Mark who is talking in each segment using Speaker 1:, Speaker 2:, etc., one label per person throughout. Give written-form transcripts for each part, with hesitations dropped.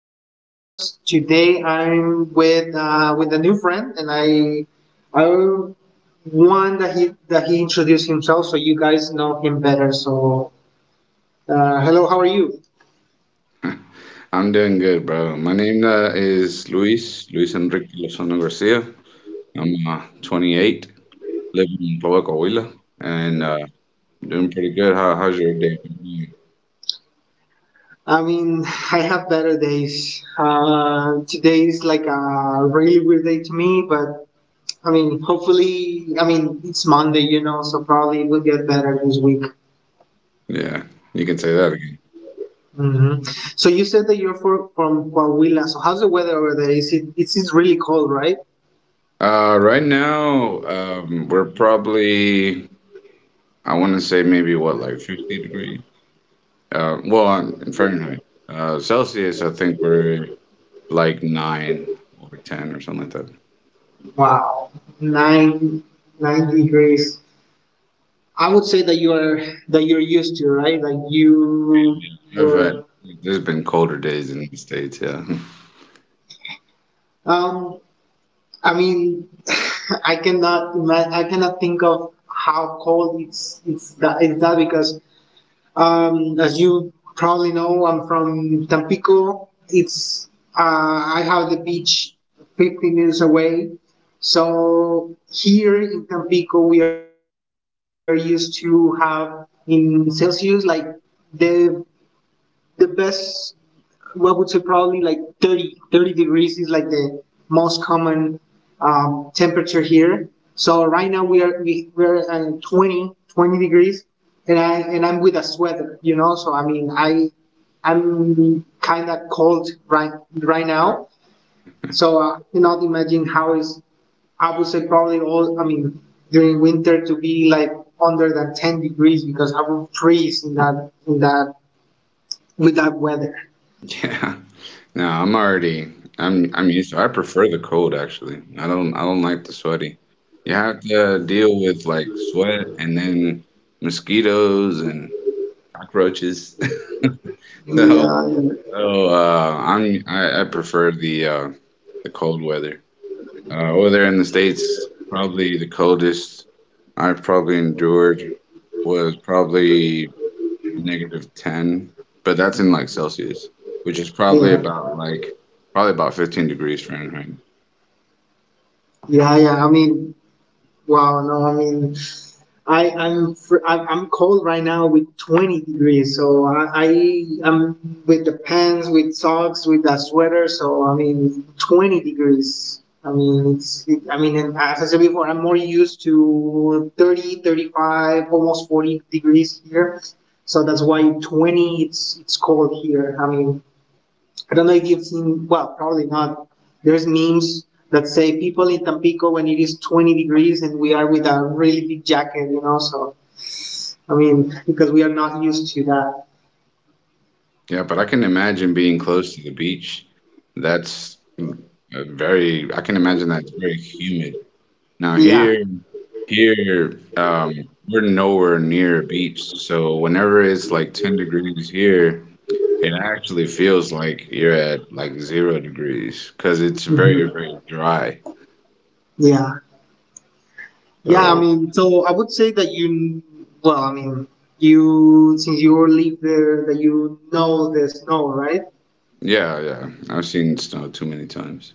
Speaker 1: in this podcast. Today, I'm with a new friend, and I want that he introduced himself so you guys know him better. So, hello, how are you?
Speaker 2: I'm doing good, bro. My name is Luis, Luis Enrique Lozano Garcia. I'm 28, living in Puebla, Coahuila, and doing pretty good. How's your day?
Speaker 1: I mean, I have better days. Today is like a really weird day to me, but I mean, hopefully, I mean, it's Monday, so probably we'll get better this week.
Speaker 2: Yeah, you can say that again.
Speaker 1: Hmm. So you said that you're from Coahuila. So how's the weather over there? Is it's really cold, right?
Speaker 2: Right now, we're probably, I want to say maybe what, like 50 degrees? Well, in Fahrenheit. Celsius, I think we're like 9 or 10 or something like that.
Speaker 1: Wow, nine nine degrees. I would say that you're used to, right? Like you
Speaker 2: I've had,
Speaker 1: you're.
Speaker 2: there's been colder days in the States, yeah.
Speaker 1: Um, I mean, I cannot think of how cold it's that because as you probably know, I'm from Tampico. It's I have the beach 15 minutes away. So here in Tampico, we are used to have in Celsius like the the best I would say probably like thirty degrees is like the most common temperature here. So right now we're at twenty degrees, and I'm with a sweater. So I mean, I'm kind of cold right now. So I cannot imagine how is I would say probably all I mean during winter to be like under than 10 degrees because I would freeze in that with that weather.
Speaker 2: Yeah. No, I'm used to I prefer the cold, actually. I don't like the sweaty. You have to deal with like sweat and then mosquitoes and cockroaches. So
Speaker 1: Yeah, yeah.
Speaker 2: so I prefer the cold weather. Over there in the States, probably the coldest I've probably endured was probably negative 10, but that's in like Celsius, which is
Speaker 1: Yeah,
Speaker 2: probably about 15 degrees Fahrenheit.
Speaker 1: yeah, yeah. I mean, wow. No, I mean, I I'm fr- I'm cold right now with 20 degrees. So I am with the pants, with socks, with a sweater. So I mean, 20 degrees. I mean, I mean, and as I said before, I'm more used to 30, 35, almost 40 degrees here. So that's why 20 it's cold here. I mean, I don't know if you've seen, well, probably not. There's memes that say people in Tampico when it is 20 degrees and we are with a really big jacket, so, I mean, because we are not used to that.
Speaker 2: Yeah, but I can imagine being close to the beach. That's mm, a very, I can imagine that's very humid. Now
Speaker 1: Yeah.
Speaker 2: here, we're nowhere near a beach, so whenever it's like 10 degrees here, it actually feels like you're at like 0 degrees because it's very,
Speaker 1: Mhm.
Speaker 2: very dry.
Speaker 1: Yeah. Yeah, I
Speaker 2: So
Speaker 1: mean, so I would say that you, well, I mean, you, since you live there, that you know the snow, right?
Speaker 2: yeah, yeah, I've seen snow too many times.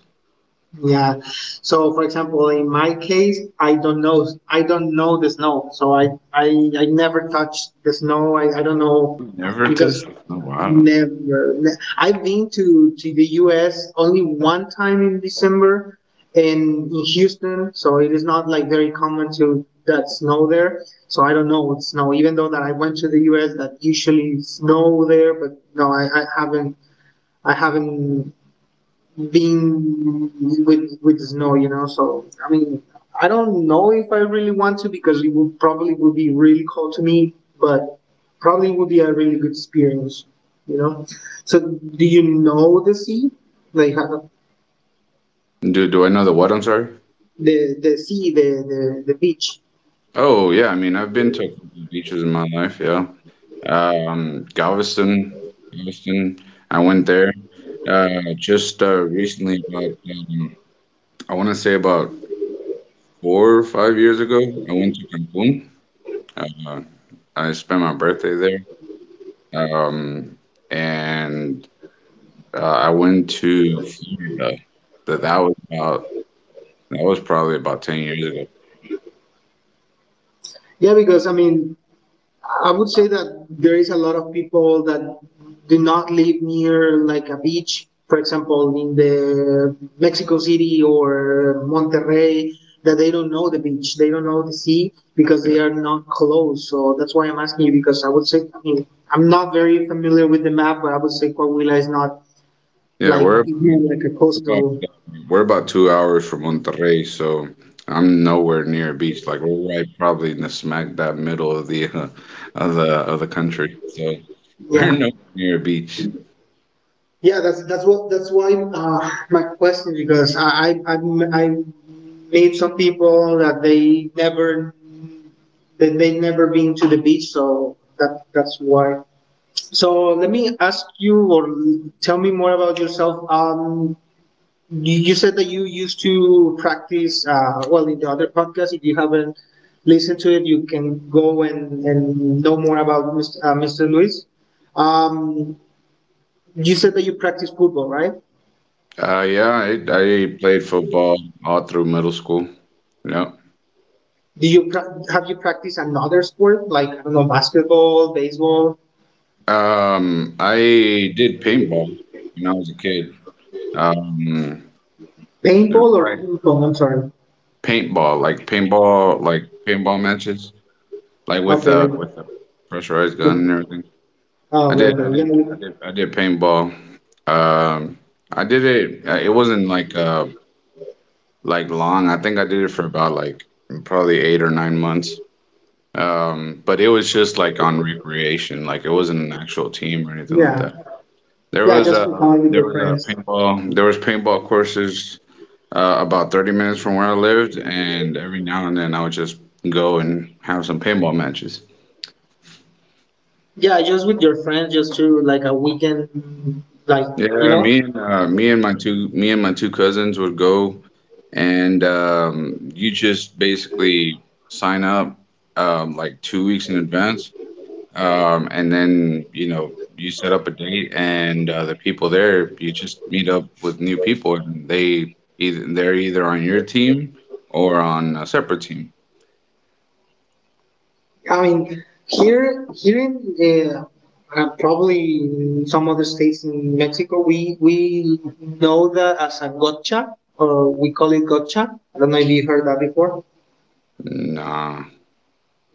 Speaker 1: Yeah. So for example, in my case, I don't know the snow. So I never touch the snow. I don't know
Speaker 2: Never touched
Speaker 1: because
Speaker 2: the snow. Wow.
Speaker 1: never ne- I've been to the US only one time in December in Houston, so it is not like very common to that snow there. So I don't know what snow even though that I went to the US that usually snow there, but no, I haven't being with the snow. So I mean, I don't know if I really want to because it would probably would be really cold to me, but probably would be a really good experience, you know. So do you know the sea, like
Speaker 2: Do I know the what? I'm sorry.
Speaker 1: the sea, the beach?
Speaker 2: Oh yeah, I mean I've been to a couple of beaches in my life, yeah. Um, Galveston, Galveston, I went there uh, just recently about I want to say about 4 or 5 years ago. I went to Cancun. Uh, I spent my birthday there, and I went to Florida. That that was about that was probably about 10 years ago.
Speaker 1: Yeah, because I mean, I would say that there is a lot of people that do not live near like a beach, for example, in the Mexico City or Monterrey, that they don't know the beach, they don't know the sea because
Speaker 2: Yeah,
Speaker 1: they are not close. So that's why I'm asking you because I would say I mean, I'm not very familiar with the map, but I would say Coahuila is not
Speaker 2: yeah.
Speaker 1: like
Speaker 2: Where
Speaker 1: it's
Speaker 2: about
Speaker 1: not like a
Speaker 2: We're about,
Speaker 1: coastal.
Speaker 2: we're about 2 hours from Monterrey, so I'm nowhere near a beach. Like we're right probably in the smack that middle of the of the country. So
Speaker 1: Yeah.
Speaker 2: we're nowhere near a beach.
Speaker 1: Yeah, that's what that's why my question because I made some people that they never been to the beach, so that's why. So let me ask you or tell me more about yourself. You said that you used to practice. Well, in the other podcast, if you haven't listened to it, you can go and know more about Mr. Mr. Luis. Um, you said that you practice football, right?
Speaker 2: Yeah, I played football all through middle school. Yeah.
Speaker 1: Have you practiced another sport like I don't know basketball, baseball,
Speaker 2: I did paintball when I was a kid. Um,
Speaker 1: paintball, or
Speaker 2: right.
Speaker 1: ping pong? I'm sorry.
Speaker 2: Paintball, like paintball, like paintball matches, like with
Speaker 1: Okay,
Speaker 2: uh with a pressurized gun
Speaker 1: the,
Speaker 2: and everything.
Speaker 1: oh,
Speaker 2: I
Speaker 1: okay,
Speaker 2: did, I did, I
Speaker 1: okay,
Speaker 2: did, I did paintball. Um, I did it. It wasn't like long. I think I did it for about like probably 8 or 9 months. But it was just like on recreation. Like it wasn't an actual team or anything like
Speaker 1: yeah,
Speaker 2: that.
Speaker 1: yeah, yeah, just for fun with
Speaker 2: There
Speaker 1: your
Speaker 2: was a
Speaker 1: friends.
Speaker 2: paintball. There was paintball courses about 30 minutes from where I lived, and every now and then I would just go and have some paintball matches.
Speaker 1: Yeah, just with your friends, just to like a weekend, like you
Speaker 2: Yeah,
Speaker 1: know.
Speaker 2: me and my two cousins would go, and you just basically sign up like 2 weeks in advance, and then you know you set up a date, and the people there you just meet up with new people, and they're either on your team or on a separate team.
Speaker 1: I mean, here in uh, probably in some other states in Mexico, we know that as a gotcha, or we call it gotcha. I don't know if you heard that before.
Speaker 2: Nah.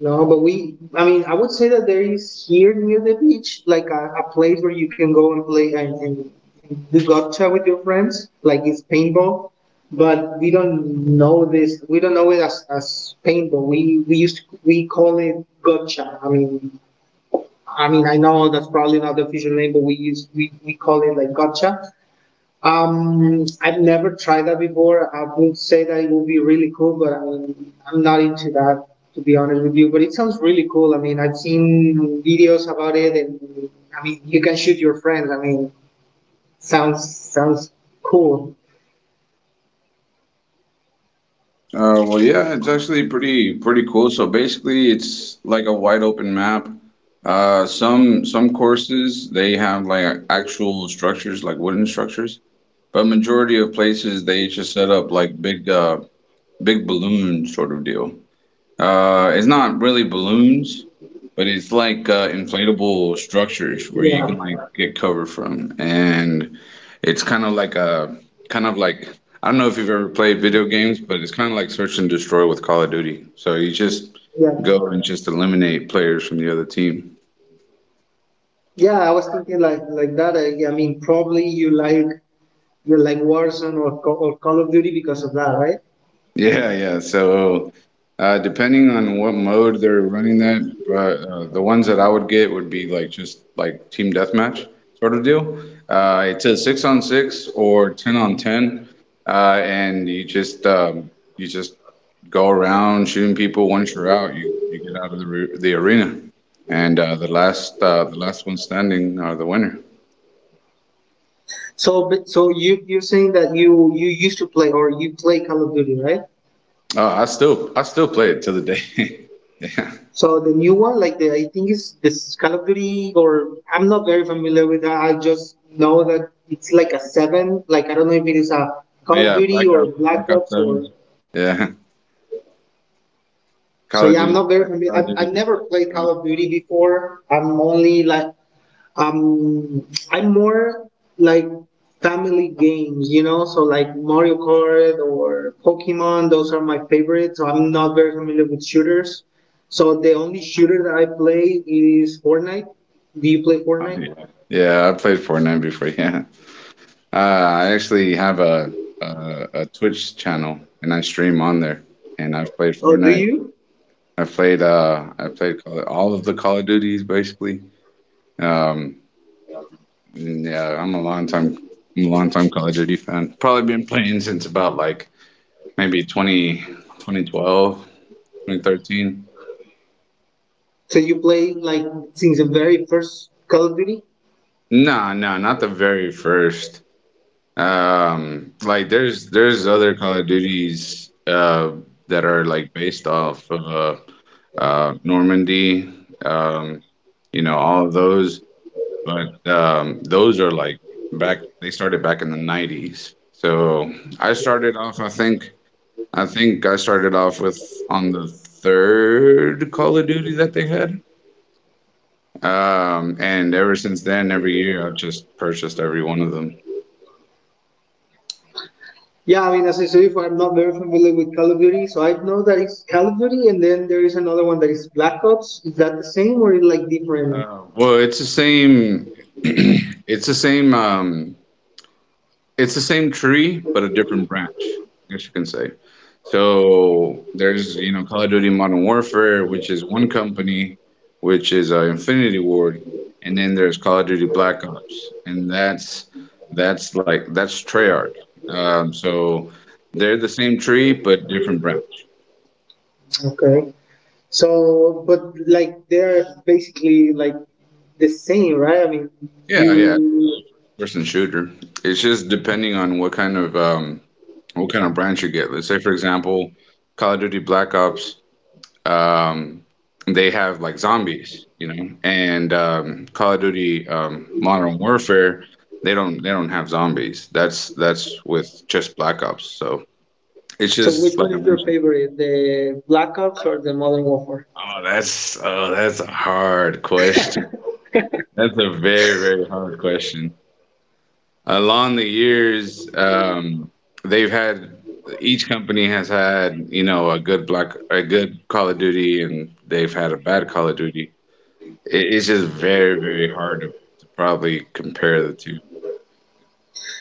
Speaker 1: No, but we, I mean, I would say that there is here near the beach, like a place where you can go and play and do gotcha with your friends, like it's paintball. But we don't know this, we don't know it as paintball. We, we call it gotcha. I mean, I mean, I know that's probably not the official name, but we call it like gotcha. I've never tried that before. I would say that it would be really cool, but I mean, I'm not into that to be honest with you. But it sounds really cool. I mean, I've seen videos about it, and I mean, you can shoot your friends. I mean, sounds cool.
Speaker 2: Well, yeah, it's actually pretty pretty cool. So basically, it's like a wide open map. Some courses they have like actual structures, like wooden structures, but majority of places they just set up like big balloon sort of deal. It's not really balloons, but it's like inflatable structures where you can
Speaker 1: Yeah,
Speaker 2: like get cover from, and it's kind of like I don't know if you've ever played video games, but it's kind of like search and destroy with Call of Duty. So you just
Speaker 1: yeah,
Speaker 2: go and just eliminate players from the other team.
Speaker 1: yeah. I was thinking like that. I mean, probably you like Warzone or Co- or Call of Duty because of that, right?
Speaker 2: Yeah, yeah. So, depending on what mode they're running that, but the ones that I would get would be like just like team deathmatch sort of deal. It's a six on six or ten on ten, and you just go around shooting people. Once you're out, you get out of the arena, and the last one standing are the winner.
Speaker 1: So, but so you're saying that you used to play or you play Call of Duty, right?
Speaker 2: I still play it to the day. Yeah,
Speaker 1: So the new one, like the I think it's this Call of Duty, or I'm not very familiar with that. I just know that it's like a seven. Like I don't know if it is a Call of
Speaker 2: yeah.
Speaker 1: Duty or
Speaker 2: Blackout.
Speaker 1: Black
Speaker 2: Blackout
Speaker 1: Ops
Speaker 2: Seven.
Speaker 1: or.
Speaker 2: Yeah.
Speaker 1: So yeah, I'm not very familiar.
Speaker 2: Call of
Speaker 1: I've
Speaker 2: Duty,
Speaker 1: never
Speaker 2: right?
Speaker 1: played
Speaker 2: uh,
Speaker 1: Call of Duty before. I'm only like um I'm more like family games, you know, so like Mario Kart or Pokemon, those are my favorites. So I'm not very familiar with shooters. So the only shooter that I play is Fortnite. Do you play
Speaker 2: Oh,
Speaker 1: Fortnite?
Speaker 2: yeah, yeah, I played Fortnite before. Yeah, uh, I actually have a Twitch channel and I stream on there. And I've played
Speaker 1: Oh, do
Speaker 2: Fortnite.
Speaker 1: you?
Speaker 2: I played all of the Call of Duties basically. Um, and yeah, I'm a long time Call of Duty fan. Probably been playing since about like maybe 20, 2012, 2013.
Speaker 1: So you play like since the very first Call of Duty?
Speaker 2: No, no, not the very first. Like there's other Call of Duties that are like based off of Normandy, um, you know, all of those, but those are like back they started back in the 90s. So I started off I think I started off with on the third Call of Duty that they had. And ever since then, every year I've just purchased every one of them.
Speaker 1: Yeah, I mean, as I said before, I'm not very familiar with Call of Duty, so I know that it's Call of Duty, and then there is another one that is Black Ops. Is that the same or is it like different?
Speaker 2: Well, it's the same. It's the same. It's the same tree, but a different branch, I guess you can say. So there's, Call of Duty Modern Warfare, which is one company, which is Infinity Ward, and then there's Call of Duty Black Ops, and that's Treyarch. So they're the same tree, but different branch.
Speaker 1: Okay. So, but like they're basically like the same, right? I mean,
Speaker 2: Yeah, yeah. It's still
Speaker 1: you.
Speaker 2: a first-person shooter. It's just depending on what kind of branch you get. Let's say, for example, Call of Duty Black Ops, um, they have like zombies, you know, and Call of Duty Modern Warfare, they don't have zombies. That's with just Black Ops. So it's
Speaker 1: So, which
Speaker 2: just like
Speaker 1: one
Speaker 2: I
Speaker 1: is your
Speaker 2: mentioned.
Speaker 1: favorite, the Black Ops or the Modern Warfare?
Speaker 2: Oh, that's a hard question. That's a very, very hard question. Along the years, they've had each company has had a good Call of Duty, and they've had a bad Call of Duty. It's just very very hard to probably compare the two.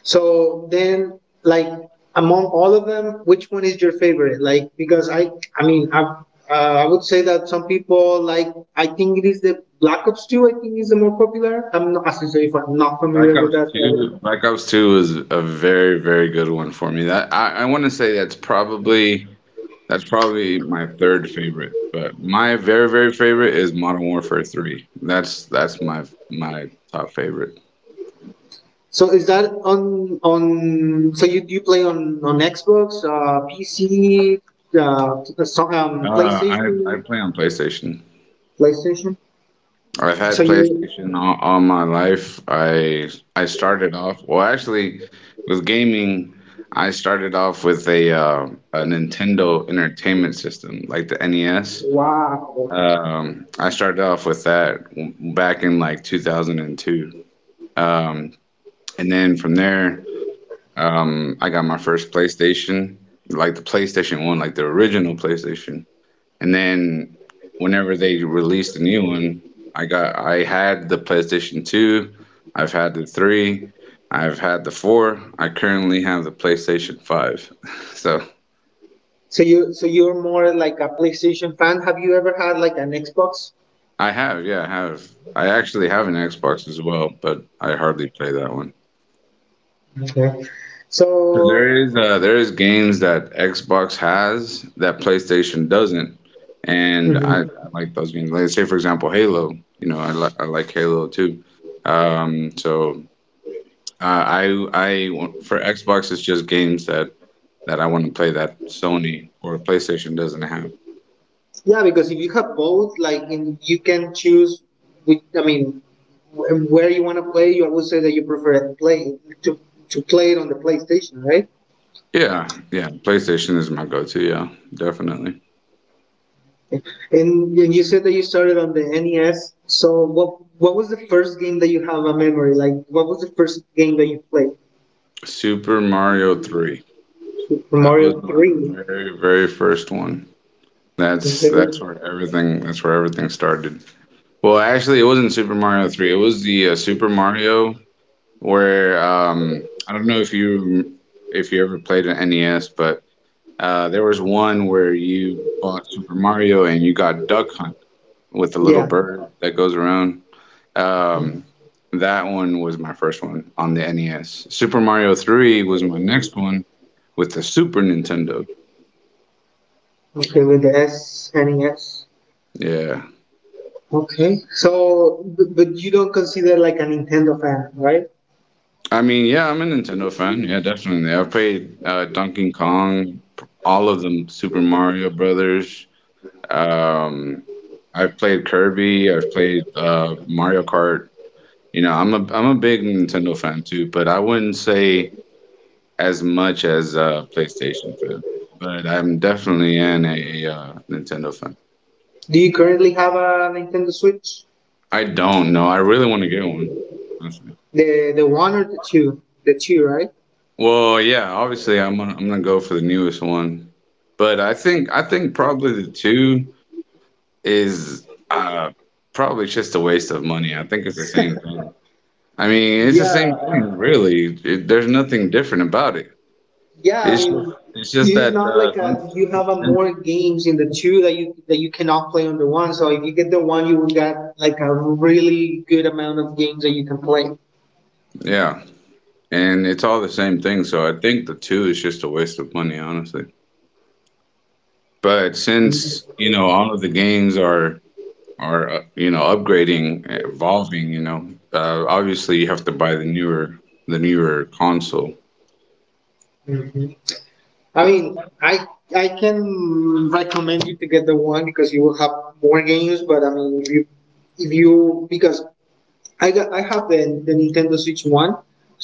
Speaker 1: So then, like among all of them, which one is your favorite? Like because I mean, I would say that some people like. I think it is the Black Ops 2. I think is the more popular. I'm not, as I say, if I'm not familiar
Speaker 2: Black
Speaker 1: with
Speaker 2: Ops
Speaker 1: that.
Speaker 2: Two, Black Ops Two is a very very good one for me. That I want to say that's probably my third favorite, but my very very favorite is Modern Warfare 3. That's my top favorite.
Speaker 1: So is that on on? So you play on Xbox, PC, uh, t- so,
Speaker 2: Uh,
Speaker 1: um,
Speaker 2: I I
Speaker 1: PlayStation,
Speaker 2: play on PlayStation.
Speaker 1: PlayStation.
Speaker 2: I've
Speaker 1: So
Speaker 2: had
Speaker 1: you
Speaker 2: PlayStation all my life. I started off, well, actually, with gaming. I started off with a Nintendo Entertainment System, like the NES.
Speaker 1: Wow.
Speaker 2: I started off with back in like 2002. Um, and then from there, I got my first PlayStation, like the PlayStation 1, like the original PlayStation. And then whenever they released a new one, I had the PlayStation 2, I've had the 3, I've had the 4. I currently have the PlayStation 5. So,
Speaker 1: So you're more like a PlayStation fan. Have you ever had like an Xbox?
Speaker 2: I have, yeah, I have. I actually have an Xbox as well, but I hardly play that one.
Speaker 1: Okay.
Speaker 2: So
Speaker 1: So
Speaker 2: there is games that Xbox has that PlayStation doesn't, and I,
Speaker 1: mhm,
Speaker 2: I like those games. Like say for example Halo, you know I like Halo too. So Uh, I for Xbox, it's just games that I want to play that Sony or PlayStation doesn't have.
Speaker 1: yeah, because if you have both, like and you can choose. Which, I mean, where you want to play. You I would say that you prefer it play to to play it on the PlayStation, right?
Speaker 2: Yeah, yeah, PlayStation is my go-to. Yeah, definitely.
Speaker 1: And, and you said that you started on the NES. So what was the first game that you have a memory? Like what was the first game that you played?
Speaker 2: Super Mario 3.
Speaker 1: Super
Speaker 2: That was
Speaker 1: Mario
Speaker 2: my
Speaker 1: Three.
Speaker 2: very very first one.
Speaker 1: Is
Speaker 2: That's that's
Speaker 1: there-
Speaker 2: where everything that's where everything started. Well, actually, it wasn't Super Mario 3. It was the Super Mario where I don't know if you ever played an NES, but there was one where you bought Super Mario and you got Duck Hunt with the little
Speaker 1: Yeah.
Speaker 2: bird that goes around. Um, that one was my first one on the NES. Super Mario 3 was my next one with the Super Nintendo.
Speaker 1: Okay, with the S NES.
Speaker 2: Yeah.
Speaker 1: Okay. So, but you don't consider like a Nintendo fan, right?
Speaker 2: I mean, yeah, I'm a Nintendo fan. Yeah, definitely. I've played Donkey Kong, all of them, Super Mario Brothers. Um, I've played Kirby. I've played Mario Kart. I'm a big Nintendo fan too, but I wouldn't say as much as a PlayStation fan. But I'm definitely in a, Nintendo fan.
Speaker 1: Do you currently have a Nintendo Switch?
Speaker 2: I don't know. I really want to get one, honestly.
Speaker 1: The one or the two? The two, right?
Speaker 2: Well, yeah, obviously I'm gonna go for the newest one, but I think probably the two is probably just a waste of money. I think it's the same thing. I mean, it's the same
Speaker 1: Yeah,
Speaker 2: thing, really. There's nothing different about it.
Speaker 1: yeah, I
Speaker 2: It's just,
Speaker 1: mean,
Speaker 2: it's just
Speaker 1: it's
Speaker 2: that
Speaker 1: not like a, you have a
Speaker 2: since
Speaker 1: more games in the two that you cannot play on the one. So if you get the one, you will get like a really good amount of games that you can play.
Speaker 2: yeah, and it's all the same thing. So I think the two is just a waste of money, honestly. But since you know all of the games are upgrading, evolving, obviously you have to buy the newer console.
Speaker 1: Mhm. I mean, I can recommend you to get the one because you will have more games. But I mean, if you because I have the Nintendo Switch one,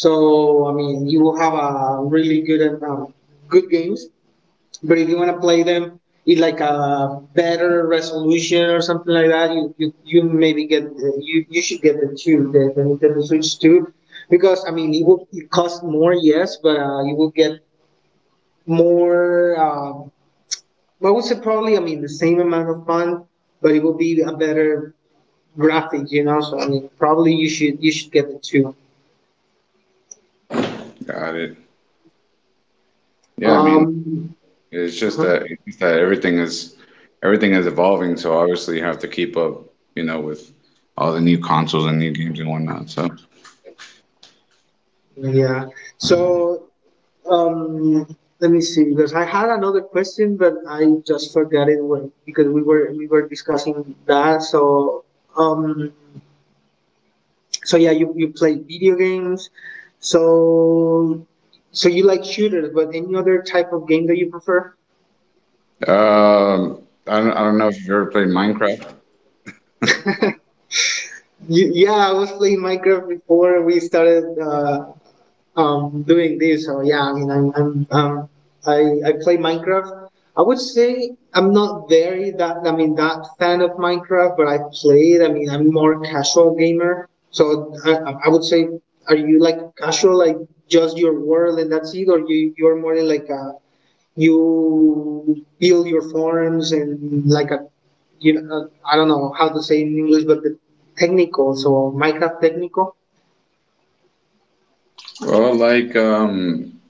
Speaker 1: so I mean you will have a really good good games. But if you want to play them in like a better resolution or something like that, you maybe you should get the two the Nintendo Switch two, because I mean it cost more yes, but you will get more. I would say probably I mean the same amount of fun, but it will be a better graphic. So I mean probably you should get the two.
Speaker 2: Got it. Yeah, I mean,
Speaker 1: Um,
Speaker 2: it's just
Speaker 1: uh-huh.
Speaker 2: that it's just that everything is evolving, so obviously you have to keep up, with all the new consoles and new games and whatnot. So.
Speaker 1: Yeah. So Um, Let me see because I had another question, but I just forgot it because we were discussing that. Um, so yeah, you play video games. So, so you like shooters, but any other type of game that you prefer?
Speaker 2: Um, I don't know if you've ever played Minecraft.
Speaker 1: Y yeah, I was playing Minecraft before we started doing this. So yeah, I mean, I play Minecraft. I would say I'm not very that I mean that fan of Minecraft, but I play it. I mean, I'm more casual gamer. So I would say, are you like casual, like just your world and that's it, or you're more in like a you build your forms and like a you know I don't know how to say in English, but the technical, so Minecraft technical.
Speaker 2: Well, like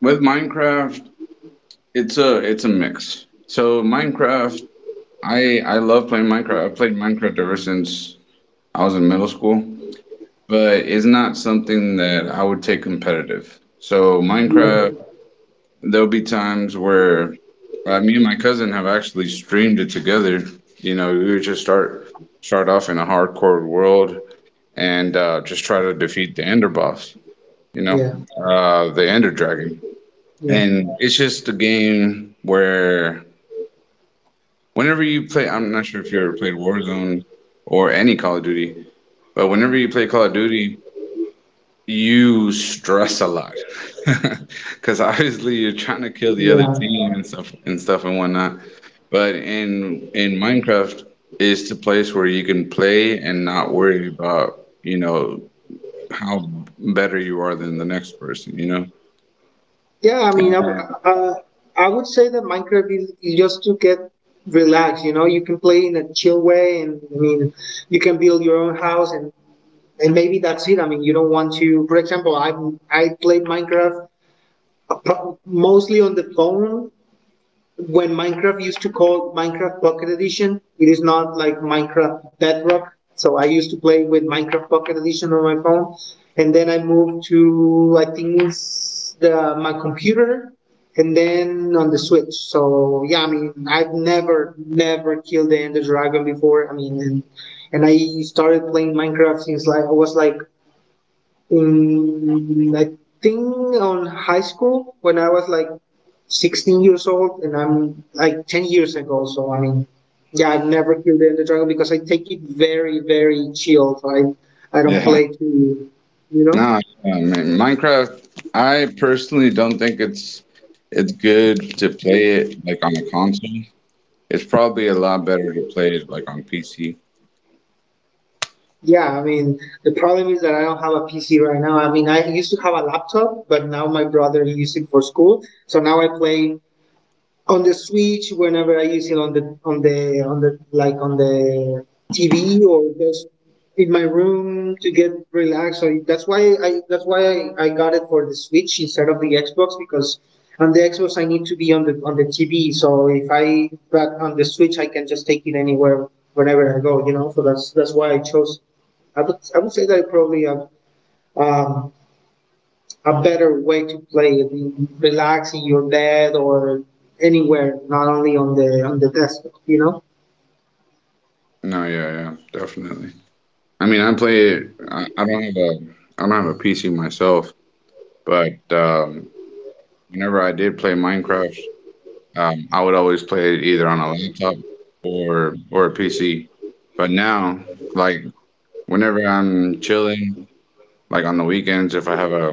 Speaker 2: with Minecraft, it's a mix. So Minecraft, I love playing Minecraft. I've played Minecraft ever since I was in middle school, but it's not something that I would take competitive. So
Speaker 1: Yeah.
Speaker 2: Minecraft, there'll be times where me and my cousin have actually streamed it together. We would just start off in a hardcore world and just try to defeat the Ender boss. You know,
Speaker 1: Yeah,
Speaker 2: the Ender Dragon.
Speaker 1: yeah,
Speaker 2: And it's just a game where whenever you play, I'm not sure if you ever played Warzone or any Call of Duty, but whenever you play Call of Duty, you stress a lot because obviously you're trying to kill the other
Speaker 1: yeah.
Speaker 2: team and stuff and whatnot. But in Minecraft, is the place where you can play and not worry about how better you are than the next person. You know.
Speaker 1: Yeah, I mean, uh, uh, I would say that Minecraft is just to get relaxed. You know, you can play in a chill way, and I mean, you can build your own house, and maybe that's it. I mean, you don't want to. For example, I played Minecraft mostly on the phone when Minecraft used to call Minecraft Pocket Edition, it is not like Minecraft Bedrock. So I used to play with Minecraft Pocket Edition on my phone, and then I moved to I think the my computer, and then on the Switch. So yeah, I mean I've never killed the Ender Dragon before. And I started playing Minecraft since like I was like I think on high school when I was like 16 years old, and I'm like 10 years ago. So I mean, yeah, I've never killed the Ender Dragon because I take it very, very chilled. I don't
Speaker 2: Yeah.
Speaker 1: play too, you
Speaker 2: No,
Speaker 1: know.
Speaker 2: I mean, Minecraft, I personally don't think it's good to play it like on a console. It's probably a lot better to play it like on PC.
Speaker 1: Yeah, I mean the problem is that I don't have a PC right now. I mean I used to have a laptop, but now my brother he used it for school, so now I play on the Switch whenever I use it on the on the on the like on the TV or just in my room to get relaxed. So that's why I got it for the Switch instead of the Xbox because on the Xbox I need to be on the TV. So if I but on the Switch I can just take it anywhere whenever I go. You know, so that's why I chose. I would say that I probably have. Um, a better way to play it. You relax in your bed or anywhere, not only on the desktop. You know.
Speaker 2: No, yeah, yeah, definitely. I mean, I play it. I don't have a PC myself, but whenever I did play Minecraft, I would always play it either on a laptop or a PC. But now, like whenever I'm chilling. Like on the weekends, if I have a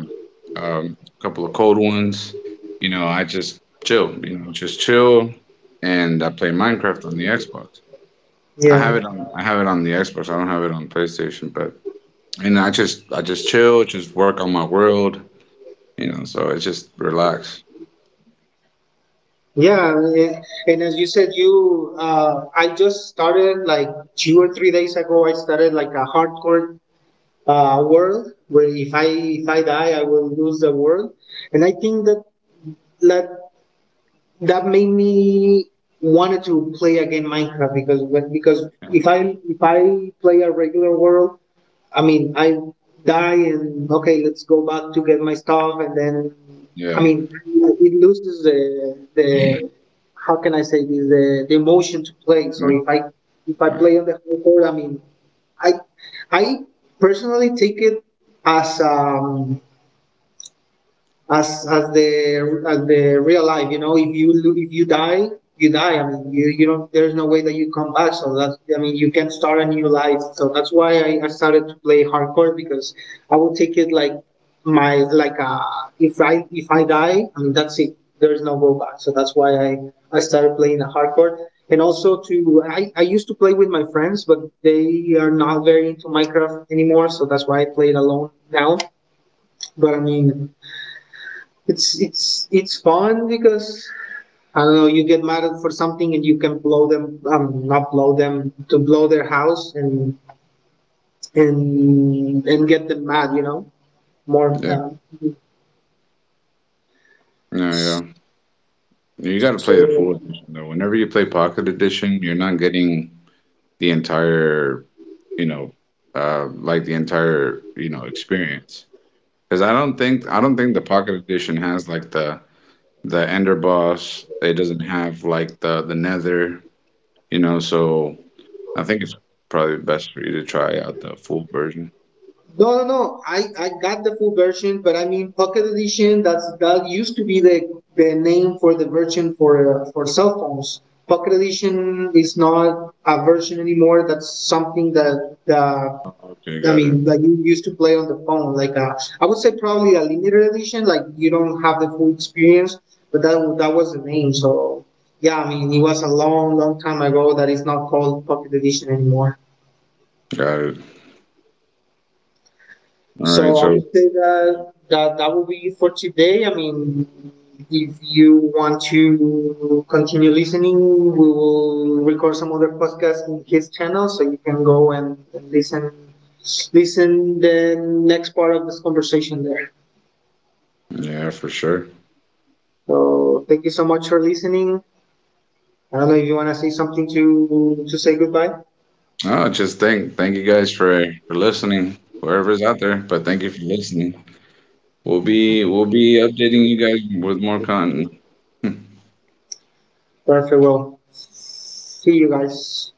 Speaker 2: um, couple of cold ones, you know, I just chill, just chill, and I play Minecraft on the Xbox.
Speaker 1: Yeah.
Speaker 2: I have it on the Xbox. I don't have it on PlayStation, but and I just chill, just work on my world, so it's just relax.
Speaker 1: Yeah, and as you said, you I just started like 2 or 3 days ago. I started like a hardcore world where if I die, I will lose the world, and I think that that made me wanted to play again Minecraft because
Speaker 2: Yeah.
Speaker 1: if I play a regular world, I mean, I die and okay, let's go back to get my stuff, and then I
Speaker 2: Yeah,
Speaker 1: mean, it loses the how can I say this the emotion to play. So if I
Speaker 2: yeah,
Speaker 1: play on the home court, I mean, I I personally take it as as the as the real life. You know, if if you die, you die. I mean, you don't. There's no way that you come back. So that's I mean, you can start a new life. So that's why I started to play hardcore because I would take it like my like if I die, I mean that's it. There's no go back. So that's why I started playing the hardcore. And also to I used to play with my friends, but they are not very into Minecraft anymore, so that's why I play it alone now. But I mean, it's fun because I don't know. You get mad at for something and you can blow them, not blow them, to blow their house and and get them mad, you know, more.
Speaker 2: yeah, yeah. You got to
Speaker 1: So
Speaker 2: play the full edition though. Whenever you play Pocket Edition, you're not getting the entire you know, the entire experience. Because I don't think the Pocket Edition has like the Ender Boss. It doesn't have like the Nether. So I think it's probably best for you to try out the full version.
Speaker 1: No, no, no. I got the full version, but I mean Pocket Edition. That used to be the name for the version for cell phones. Pocket Edition is not a version anymore. That's something that the
Speaker 2: Okay,
Speaker 1: I
Speaker 2: got it,
Speaker 1: mean, like you used to play on the phone. Like I would say probably a limited edition. Like you don't have the full experience, but that was the name. So yeah, I mean, it was a long, long time ago that it's not called Pocket Edition anymore.
Speaker 2: got it. All right,
Speaker 1: So I
Speaker 2: so
Speaker 1: would say that would be it for today. I mean, if you want to continue listening, we will record some other podcast in his channel, so you can go and listen the next part of this conversation there.
Speaker 2: yeah, for sure.
Speaker 1: So thank you so much for listening. I don't know if you want to say something to say goodbye.
Speaker 2: No, just thank you guys for listening, whoever's out there. But thank you for listening. We'll be updating you guys with more content.
Speaker 1: Perfect. Well, see you guys.